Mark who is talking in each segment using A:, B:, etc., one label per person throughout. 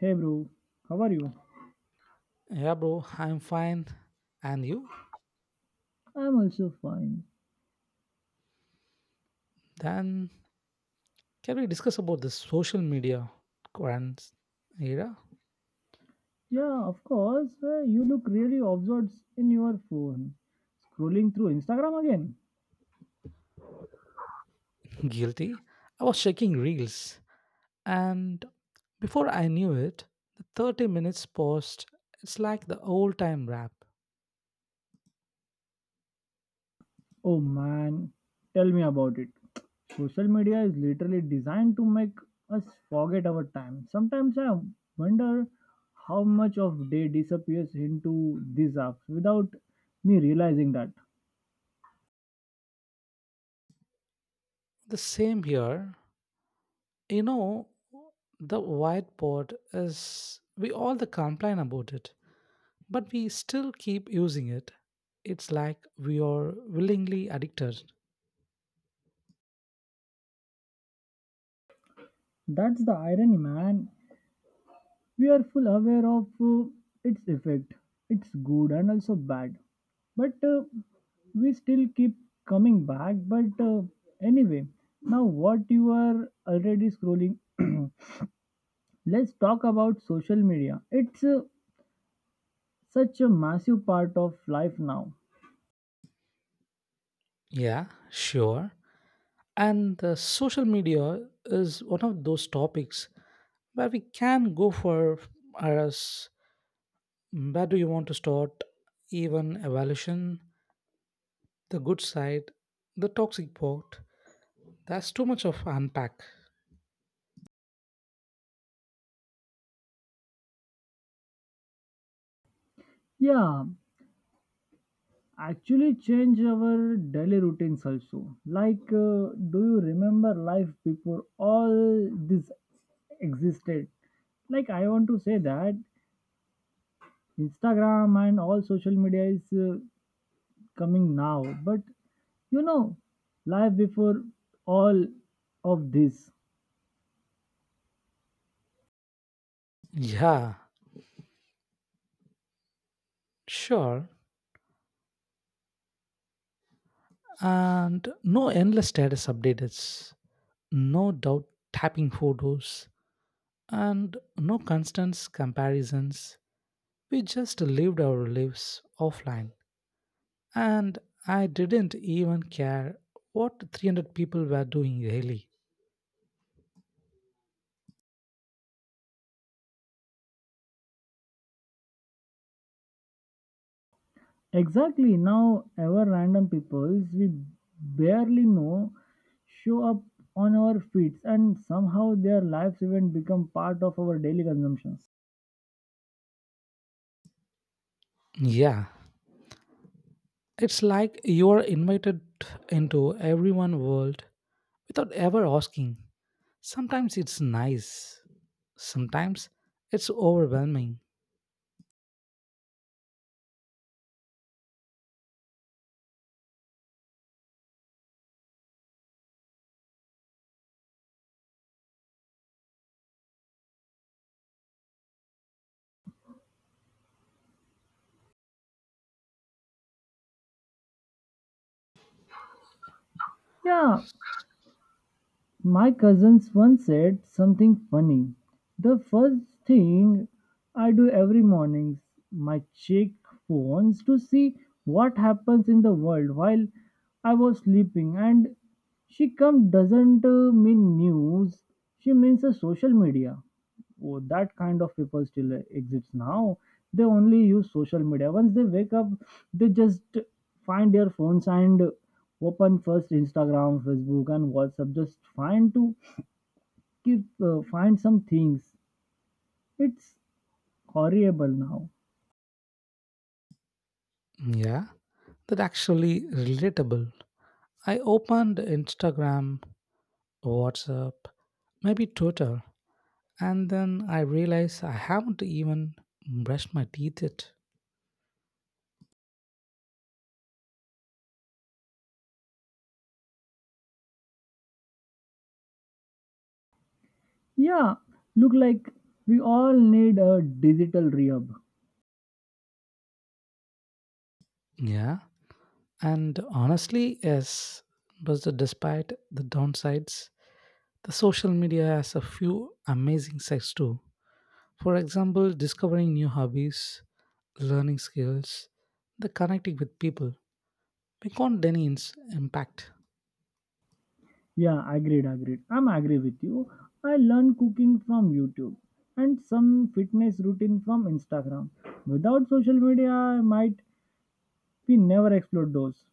A: Hey bro, how are you?
B: Yeah, bro, I'm fine. And you?
A: I'm also fine.
B: Then can we discuss about the social media current era?
A: Yeah, of course. You look really absorbed in your phone. Scrolling through Instagram again?
B: Guilty. I was checking reels, and before I knew it, the 30 minutes post. It's like the old time rap.
A: Oh man, tell me about it. Social media is literally designed to make us forget our time. Sometimes I wonder how much of day disappears into these apps without me realizing that.
B: The same here. You know, the whiteboard is. We all the complain about it, but we still keep using it. It's like we are willingly addicted.
A: That's the irony, man. We are full aware of its effect, it's good and also bad, but we still keep coming back, but anyway, now what, you are already scrolling. Let's talk about social media. It's such a massive part of life now.
B: Yeah, sure. And the social media is one of those topics where we can go for us. Where do you want to start? Even evaluation, the good side, the toxic part. That's too much of unpack.
A: Yeah, actually change our daily routines also, like uh, do you remember life before all this existed? Like, I want to say that Instagram and all social media is coming now, but you know, life before all of this.
B: Yeah, sure. And no endless status updates, no doubt tapping photos, and no constant comparisons. We just lived our lives offline and I didn't even care what 300 people were doing really.
A: Exactly, now our random peoples we barely know show up on our feeds, and somehow their lives even become part of our daily consumptions.
B: Yeah, it's like you are invited into everyone world without ever asking. Sometimes it's nice, sometimes it's overwhelming.
A: Yeah, my cousins once said something funny. The first thing I do every morning, my check phones to see what happens in the world while I was sleeping. And she come doesn't mean news. She means social media. Oh, that kind of people still exists now. They only use social media once they wake up. They just find their phones and open first Instagram, Facebook and WhatsApp, just find to keep find some things. It's horrible now.
B: Yeah, that actually relatable. I opened Instagram, WhatsApp, maybe Twitter, and then I realized I haven't even brushed my teeth yet.
A: Yeah, look like we all need a digital rehab.
B: Yeah, and honestly, yes, but despite the downsides, the social media has a few amazing sides too. For example, discovering new hobbies, learning skills, the connecting with people. We can't deny its impact.
A: Yeah, agreed, agreed. I'm agree with you. I learn cooking from YouTube and some fitness routine from Instagram. Without social media, I might we never explored those.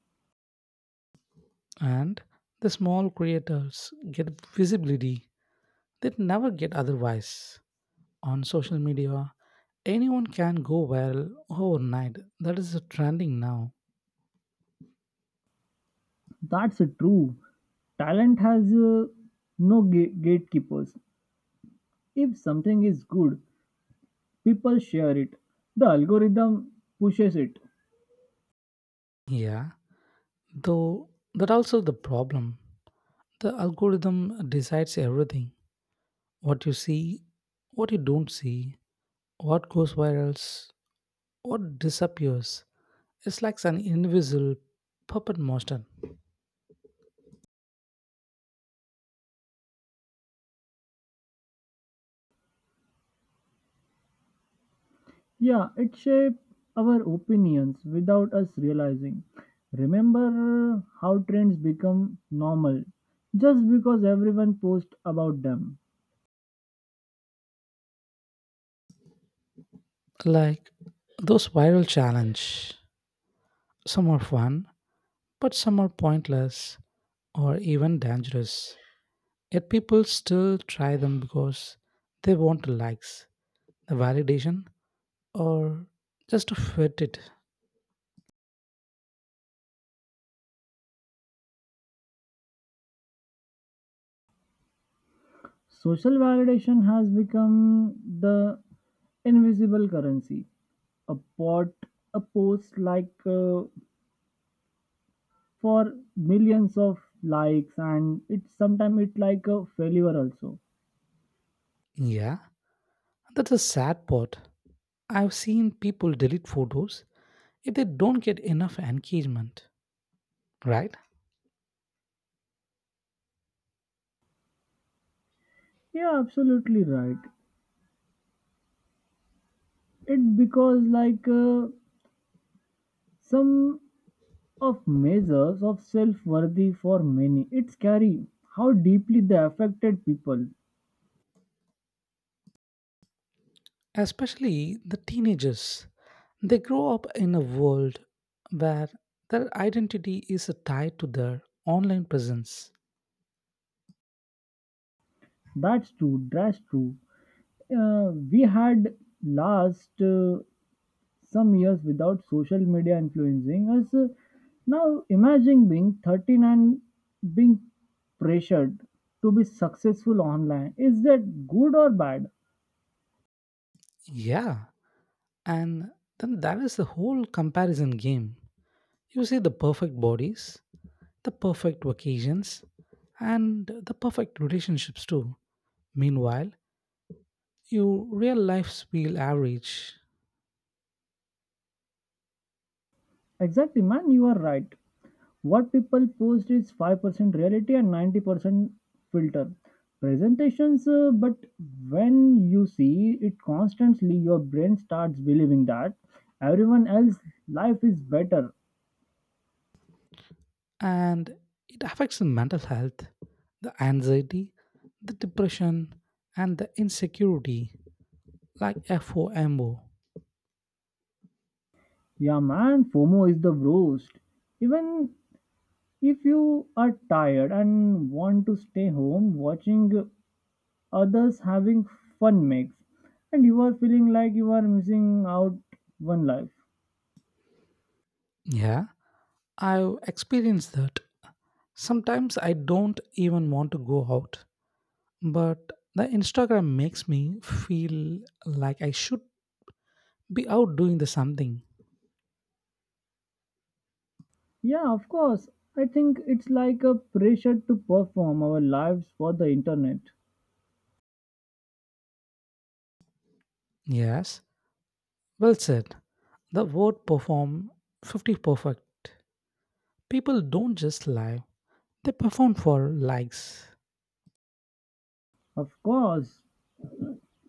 B: And the small creators get visibility they'd never get otherwise. On social media, anyone can go viral overnight. That is the trending now.
A: That's true. Talent has gatekeepers. If something is good, people share it. The algorithm pushes it.
B: Yeah. Though that also the problem. The algorithm decides everything. What you see, what you don't see, what goes viral, what disappears. It's like an invisible puppet master.
A: Yeah, it shapes our opinions without us realizing. Remember how trends become normal just because everyone posts about them.
B: Like those viral challenge. Some are fun, but some are pointless or even dangerous. Yet people still try them because they want likes, the validation, or just to fit it.
A: Social validation has become the invisible currency. A pot, a post like for millions of likes, and it's sometimes it like a failure also.
B: Yeah. That's a sad part. I've seen people delete photos if they don't get enough engagement, right?
A: Yeah, absolutely right. It because some of measures of self-worthy for many. It's scary how deeply they affected people.
B: Especially the teenagers. They grow up in a world where their identity is tied to their online presence.
A: That's true. That's true. We had last some years without social media influencing us. Now imagine being 13 and being pressured to be successful online. Is that good or bad?
B: Yeah, and then that is the whole comparison game. You see the perfect bodies, the perfect vacations, and the perfect relationships too. Meanwhile, your real lives feel average
A: Exactly, man. You are right. What people post is 5% reality and 90% filter presentations, but when you see it constantly, your brain starts believing that everyone else life is better.
B: and it affects the mental health, the anxiety, the depression, and the insecurity, like FOMO.
A: Yeah, man, FOMO is the worst. Even if you are tired and want to stay home, watching others having fun makes, and you are feeling like you are missing out one life.
B: Yeah, I've experienced that. Sometimes I don't even want to go out, but the Instagram makes me feel like I should be out doing the something.
A: Yeah, of course. I think it's like a pressure to perform our lives for the internet.
B: Yes, well said. The word perform 50 perfect. People don't just lie, they perform for likes.
A: Of course.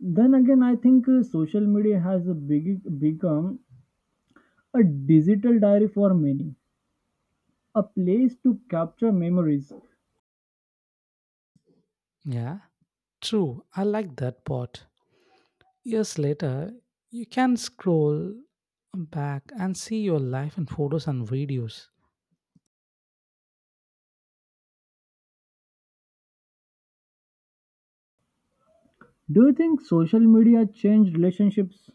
A: Then again, I think social media has a big, become a digital diary for many, a place to capture memories.
B: Yeah. True, I like that part. Years later, you can scroll back and see your life in photos and videos.
A: Do you think social media changed relationships?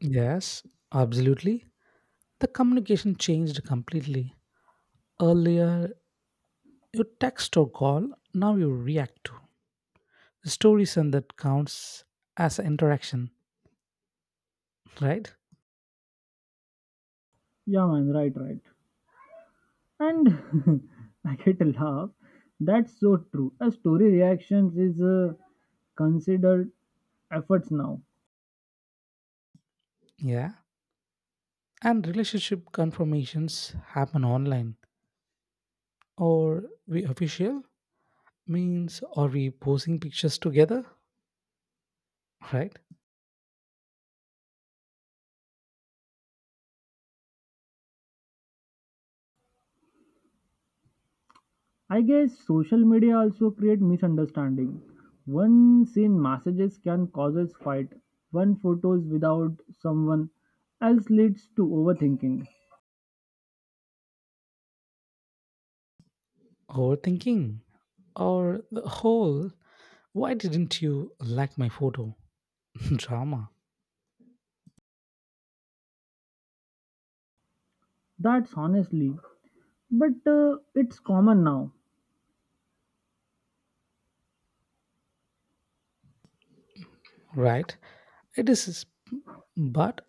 B: Yes, absolutely. The communication changed completely. Earlier, you text or call, now you react to. The stories and that counts as an interaction, right?
A: Yeah, man, right, right. And I get a laugh. That's so true. A story reactions is considered efforts now.
B: Yeah. And relationship confirmations happen online. Or we official means are we posing pictures together, right?
A: I guess social media also create misunderstanding. One seen messages can cause fight. One photos without someone else leads to overthinking.
B: Overthinking? Or the whole, why didn't you like my photo? Drama,
A: That's honestly, but it's common now.
B: right? It is, but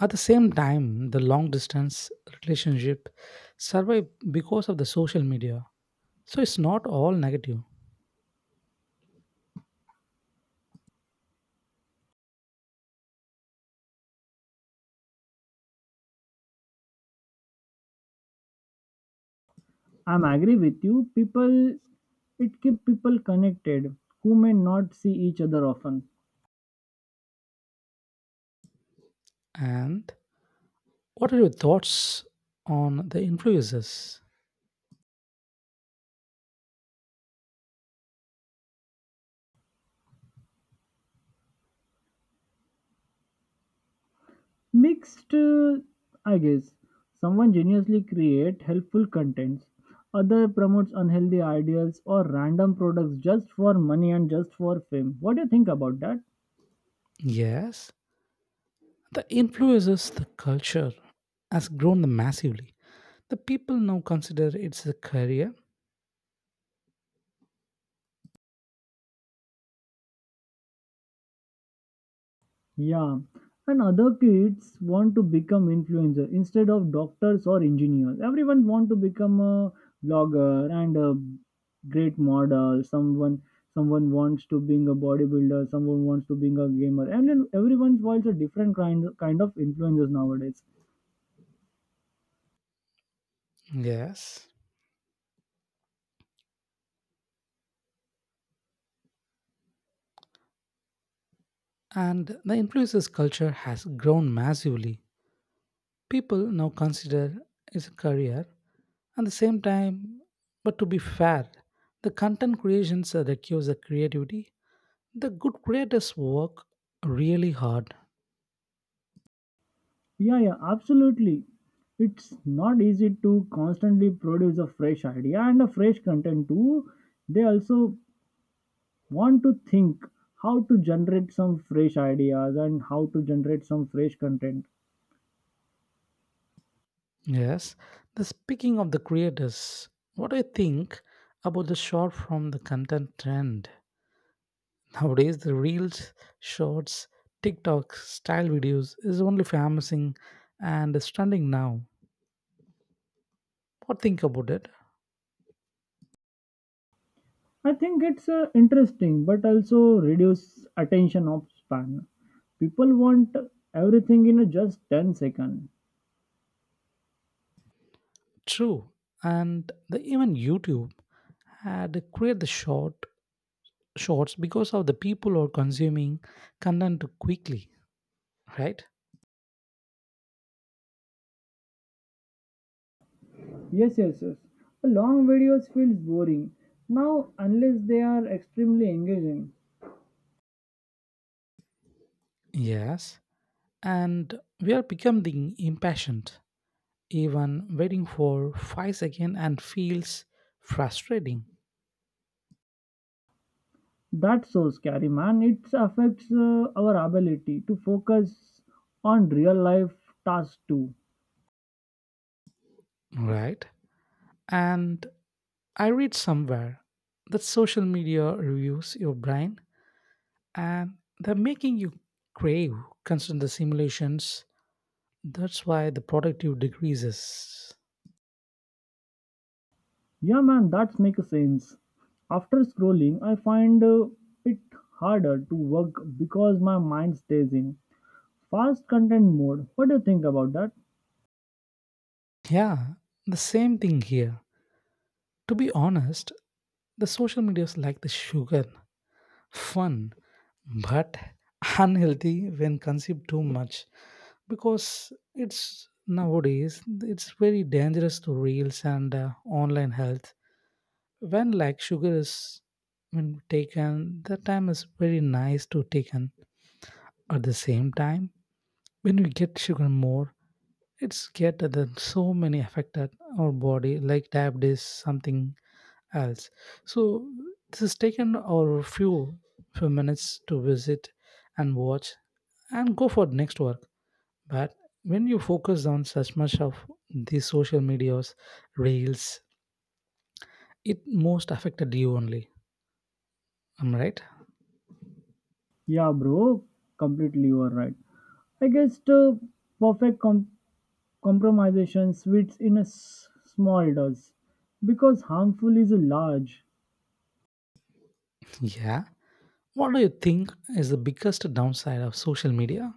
B: at the same time, the long distance relationship survive because of the social media. So it's not all negative.
A: I'm agree with you. People, it keep people connected who may not see each other often.
B: And what are your thoughts on the influences?
A: Mixed, I guess. Someone geniusly create helpful contents, other promotes unhealthy ideals or random products just for money and just for fame. What do you think about that?
B: Yes, the influences, the culture has grown massively. The people now consider it's a career.
A: Yeah. And other kids want to become influencer instead of doctors or engineers. Everyone want to become a blogger and a great model. Someone wants to being a bodybuilder, someone wants to being a gamer. And then everyone wants a different kind of influencers nowadays.
B: Yes, and the influencers culture has grown massively. People now consider it a career. At the same time, but to be fair, the content creations that requires the creativity. The good creators work really hard.
A: Yeah, yeah, absolutely. It's not easy to constantly produce a fresh idea and a fresh content too. They also want to think how to generate some fresh ideas and how to generate some fresh content.
B: Yes. The speaking of the creators, what do you think about the short from the content trend? Nowadays, the reels, shorts, TikTok style videos is only famous and is trending now. What think about it?
A: I think it's interesting but also reduce attention of span. People want everything in just 10 seconds.
B: True, and even YouTube had created the short shorts because of the people are consuming content quickly, right?
A: Yes, yes, yes. Long videos feels boring now unless they are extremely engaging.
B: Yes, and we are becoming impatient. Even waiting for 5 seconds and feels frustrating,
A: That so scary, man. It affects our ability to focus on real life tasks too.
B: right? And I read somewhere that social media reviews your brain and they're making you crave constant the simulations. That's why the productive decreases.
A: Yeah, man, that makes sense. After scrolling, I find it harder to work because my mind stays in fast content mode. What do you think about that?
B: Yeah, the same thing here. To be honest, the social media is like the sugar, fun, but unhealthy when consumed too much because it's nowadays it's very dangerous to reels and online health when like sugar is when taken the time is very nice to taken at the same time when we get sugar more. It's get that so many affected our body, like diabetes, something else. So this is taken our few minutes to visit and watch and go for next work. But when you focus on such much of these social medias, reels, it most affected you only. Am I right?
A: Yeah, bro, completely you are right. I guess the perfect compromisation sweets in a small dose because harmful is large.
B: Yeah. What do you think is the biggest downside of social media?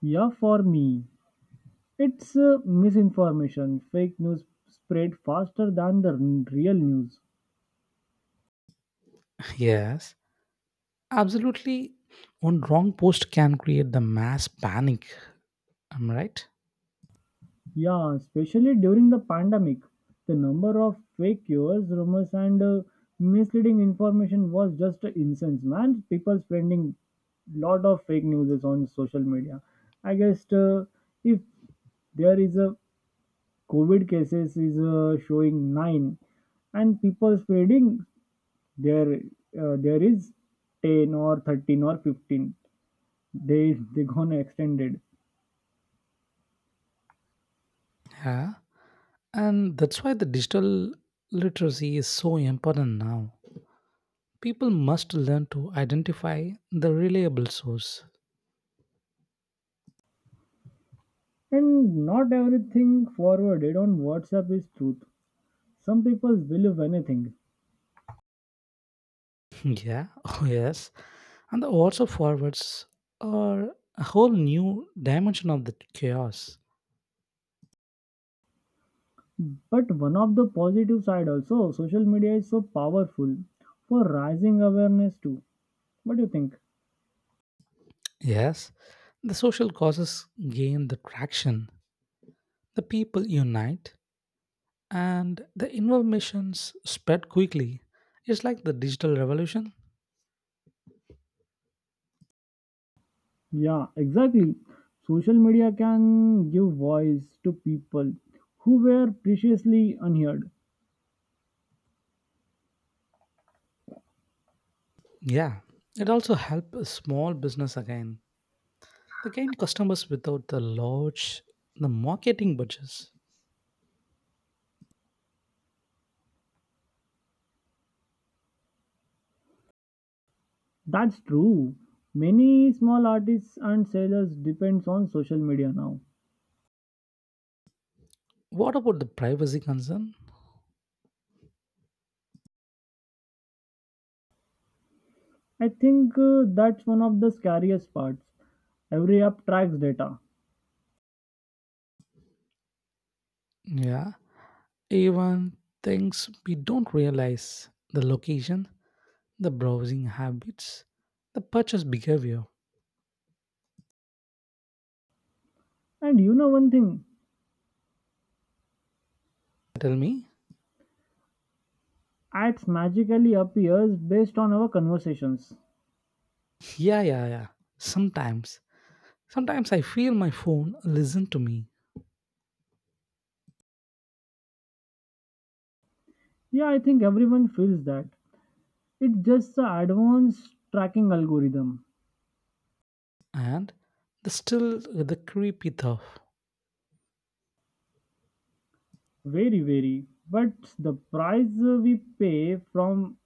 A: Yeah, for me. It's misinformation. Fake news spread faster than the real news.
B: Yes. Absolutely, one wrong post can create the mass panic. Am I right?
A: Yeah, especially during the pandemic, the number of fake cures, rumors, and misleading information was just incense. Man, people spreading lot of fake news on social media. I guess if there is a COVID cases is showing 9, and people spreading there there is 10 or 13 or 15 days they gonna extended.
B: Yeah. And that's why the digital literacy is so important now. People must learn to identify the reliable source.
A: And not everything forwarded on WhatsApp is truth. Some people believe anything.
B: Yeah, oh yes. And the also forwards are a whole new dimension of the chaos.
A: But one of the positive side also, social media is so powerful for rising awareness too. What do you think?
B: Yes, the social causes gain the traction. The people unite and the information's spread quickly. It's like the digital revolution.
A: Yeah, exactly, social media can give voice to people who were previously unheard.
B: Yeah, it also helps small business again. They gain customers without the large, the marketing budgets.
A: That's true, many small artists and sellers depends on social media now.
B: What about the privacy concern?
A: I think that's one of the scariest parts. Every app tracks data.
B: Yeah, even things we don't realize the location, the browsing habits, the purchase behavior.
A: And you know one thing,
B: Tell me?
A: ads magically appears based on our conversations.
B: Yeah, yeah, yeah. Sometimes, sometimes I feel my phone listen to me
A: Yeah, I think everyone feels that. It's just a advanced tracking algorithm.
B: and the still the creepy tough.
A: Very, very. But the price we pay from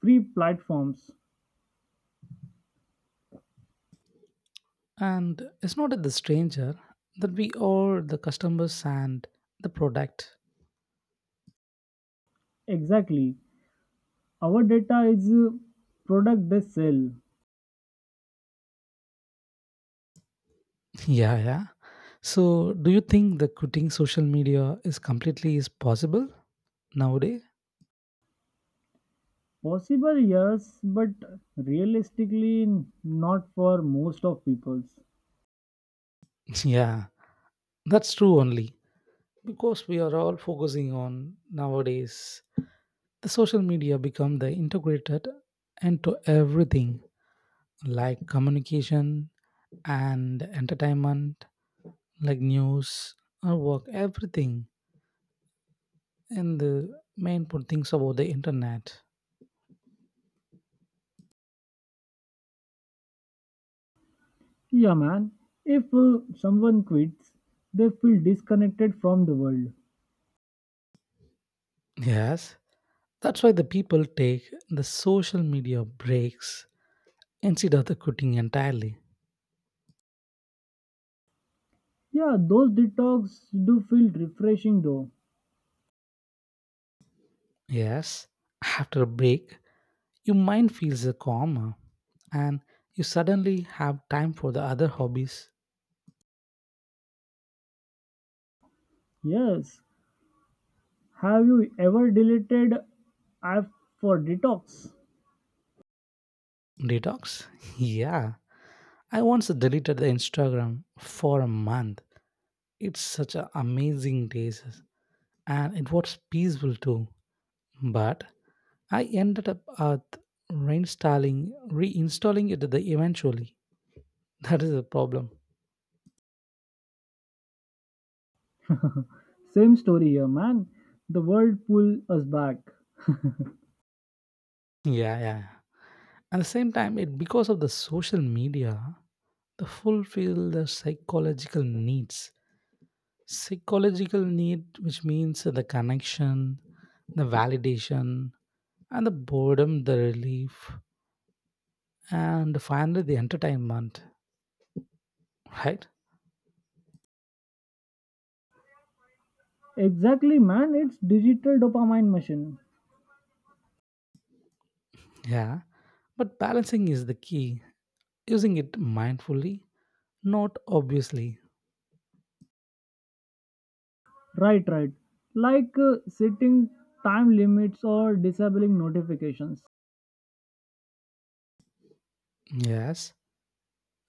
A: free platforms.
B: And it's not at the stranger that we are the customers and the product.
A: Exactly. Our data is product they sell.
B: Yeah, yeah. So, do you think the quitting social media is completely is possible nowadays?
A: Possible, yes, but realistically, not for most of peoples.
B: Yeah, that's true only because we are all focusing on nowadays. The social media become the integrated into everything like communication and entertainment like news our work everything and the main important things about the internet.
A: Yeah, man. If someone quits, they feel disconnected from the world.
B: Yes, that's why the people take the social media breaks instead of the quitting entirely.
A: Yeah, those detox do feel refreshing though.
B: Yes, after a break your mind feels calmer and you suddenly have time for the other hobbies.
A: Yes. Have you ever deleted app for detox?
B: Detox? Yeah, I once deleted the Instagram for a month. It's such an amazing days and it was peaceful too, but I ended up at reinstalling it eventually. That is the problem.
A: Same story here, man. The world pull us back.
B: Yeah, yeah, yeah. At the same time, it because of the social media, the fulfill the psychological needs. Psychological need, which means the connection, the validation, and the boredom, the relief, and finally the entertainment. Right?
A: Exactly, man. It's digital dopamine machine.
B: Yeah. But balancing is the key. Using it mindfully, not obviously.
A: Right, right. Like setting time limits or disabling notifications.
B: Yes.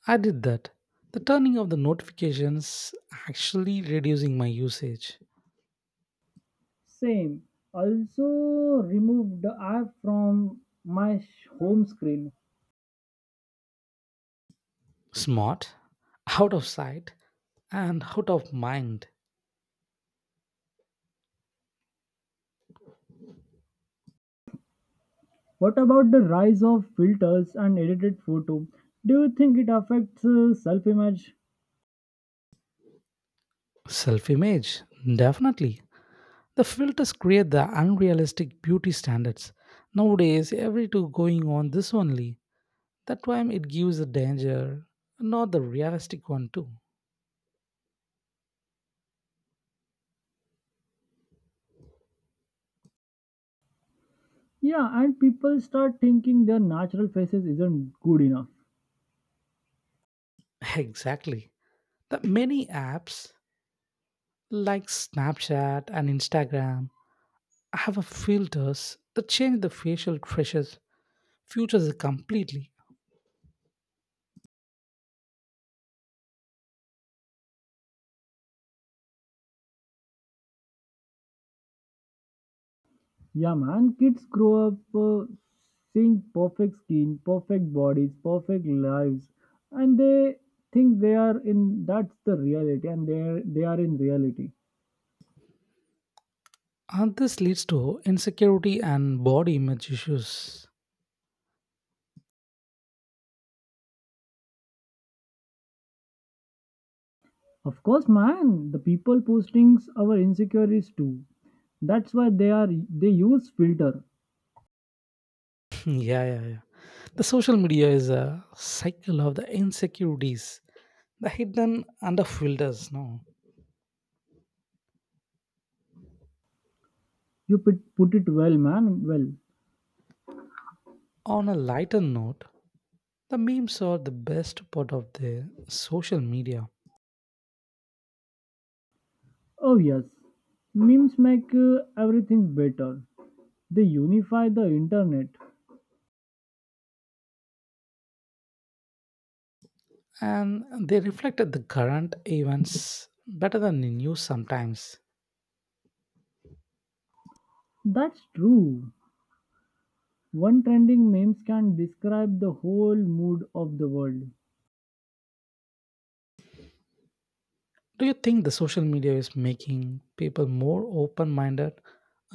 B: I did that. The turning of the notifications actually reducing my usage.
A: Same. Also removed the app from my home screen.
B: Smart, out of sight, and out of mind.
A: What about the rise of filters and edited photo? Do you think it affects self-image?
B: Self image, definitely. The filters create the unrealistic beauty standards. Nowadays, every two going on this only. That time it gives the danger, not the realistic one too.
A: Yeah, and people start thinking their natural faces isn't good enough.
B: Exactly. The many apps like Snapchat and Instagram have a filters that change the facial features completely.
A: Yeah, man, kids grow up seeing perfect skin, perfect bodies, perfect lives, and they think they are in that's the reality, and they are in reality.
B: And this leads to insecurity and body image issues.
A: Of course, man, the people postings our insecurities too. That's why they are they use filter.
B: Yeah, yeah, yeah, the social media is a cycle of the insecurities the hidden under filters no.
A: You put it well, man. Well,
B: On a lighter note, the memes are the best part of the social media
A: oh yes, memes make everything better. They unify the internet.
B: and they reflected the current events better than the news sometimes.
A: That's true. One trending memes can describe the whole mood of the world.
B: Do you think the social media is making people more open minded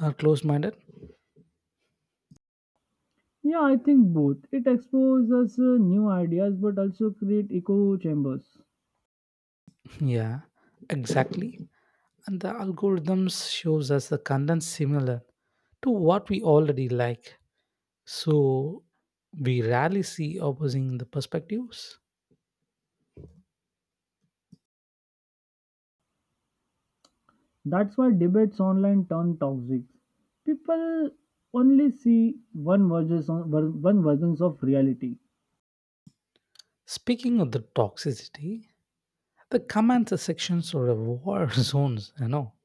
B: or closed minded?
A: Yeah, I think both. It exposes new ideas but also create echo chambers.
B: Yeah, exactly. And the algorithms shows us the content similar to what we already like. So we rarely see opposing the perspectives.
A: That's why debates online turn toxic. People only see one versions of reality.
B: Speaking of the toxicity, the comment sections are a war zones, you know.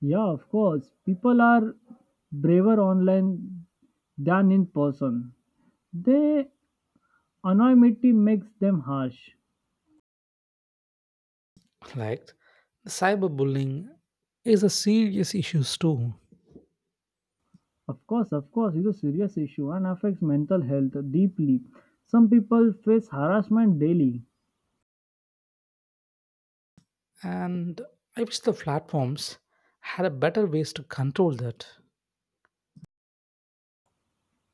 A: Yeah, of course. People are braver online than in person. Their anonymity makes them harsh.
B: Like the cyberbullying is a serious issue too.
A: Of course, it's a serious issue and affects mental health deeply. Some people face harassment daily.
B: And I wish the platforms had a better ways to control that.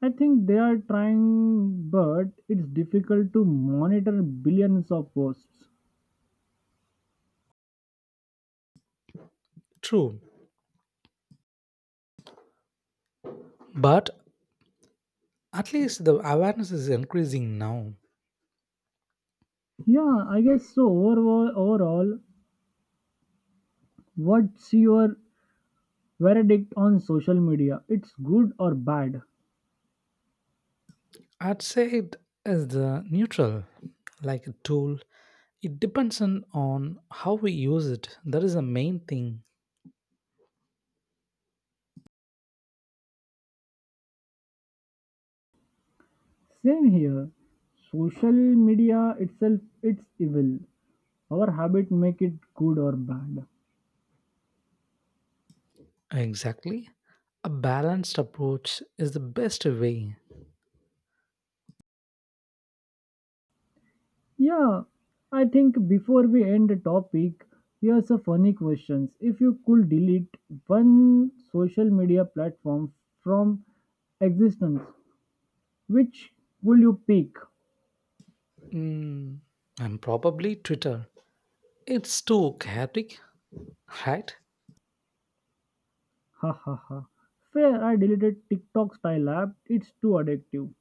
A: I think they are trying, but it's difficult to monitor billions of posts.
B: True, but at least the awareness is increasing now.
A: Yeah, I guess so. Overall, overall, what's your verdict on social media? It's good or bad?
B: I'd say it is the neutral, like a tool. It depends on how we use it. That is the main thing.
A: Same here. Social media itself, it's evil. Our habit make it good or bad.
B: Exactly. A balanced approach is the best way.
A: Yeah, I think before we end the topic, here's a funny question. If you could delete one social media platform from existence, which will you pick?
B: Mm, and probably Twitter. It's too chaotic, right?
A: Ha ha ha. Fair, I deleted TikTok style app. It's too addictive.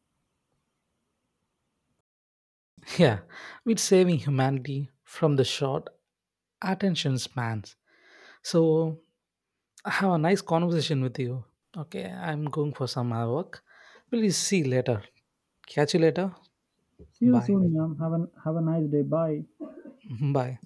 B: Yeah, with saving humanity from the short attention spans. So I have a nice conversation with you. Okay, I'm going for some other work. Please see you later. Catch you later.
A: See you
B: Bye.
A: soon, ma'am. Have a nice day. Bye.
B: Bye.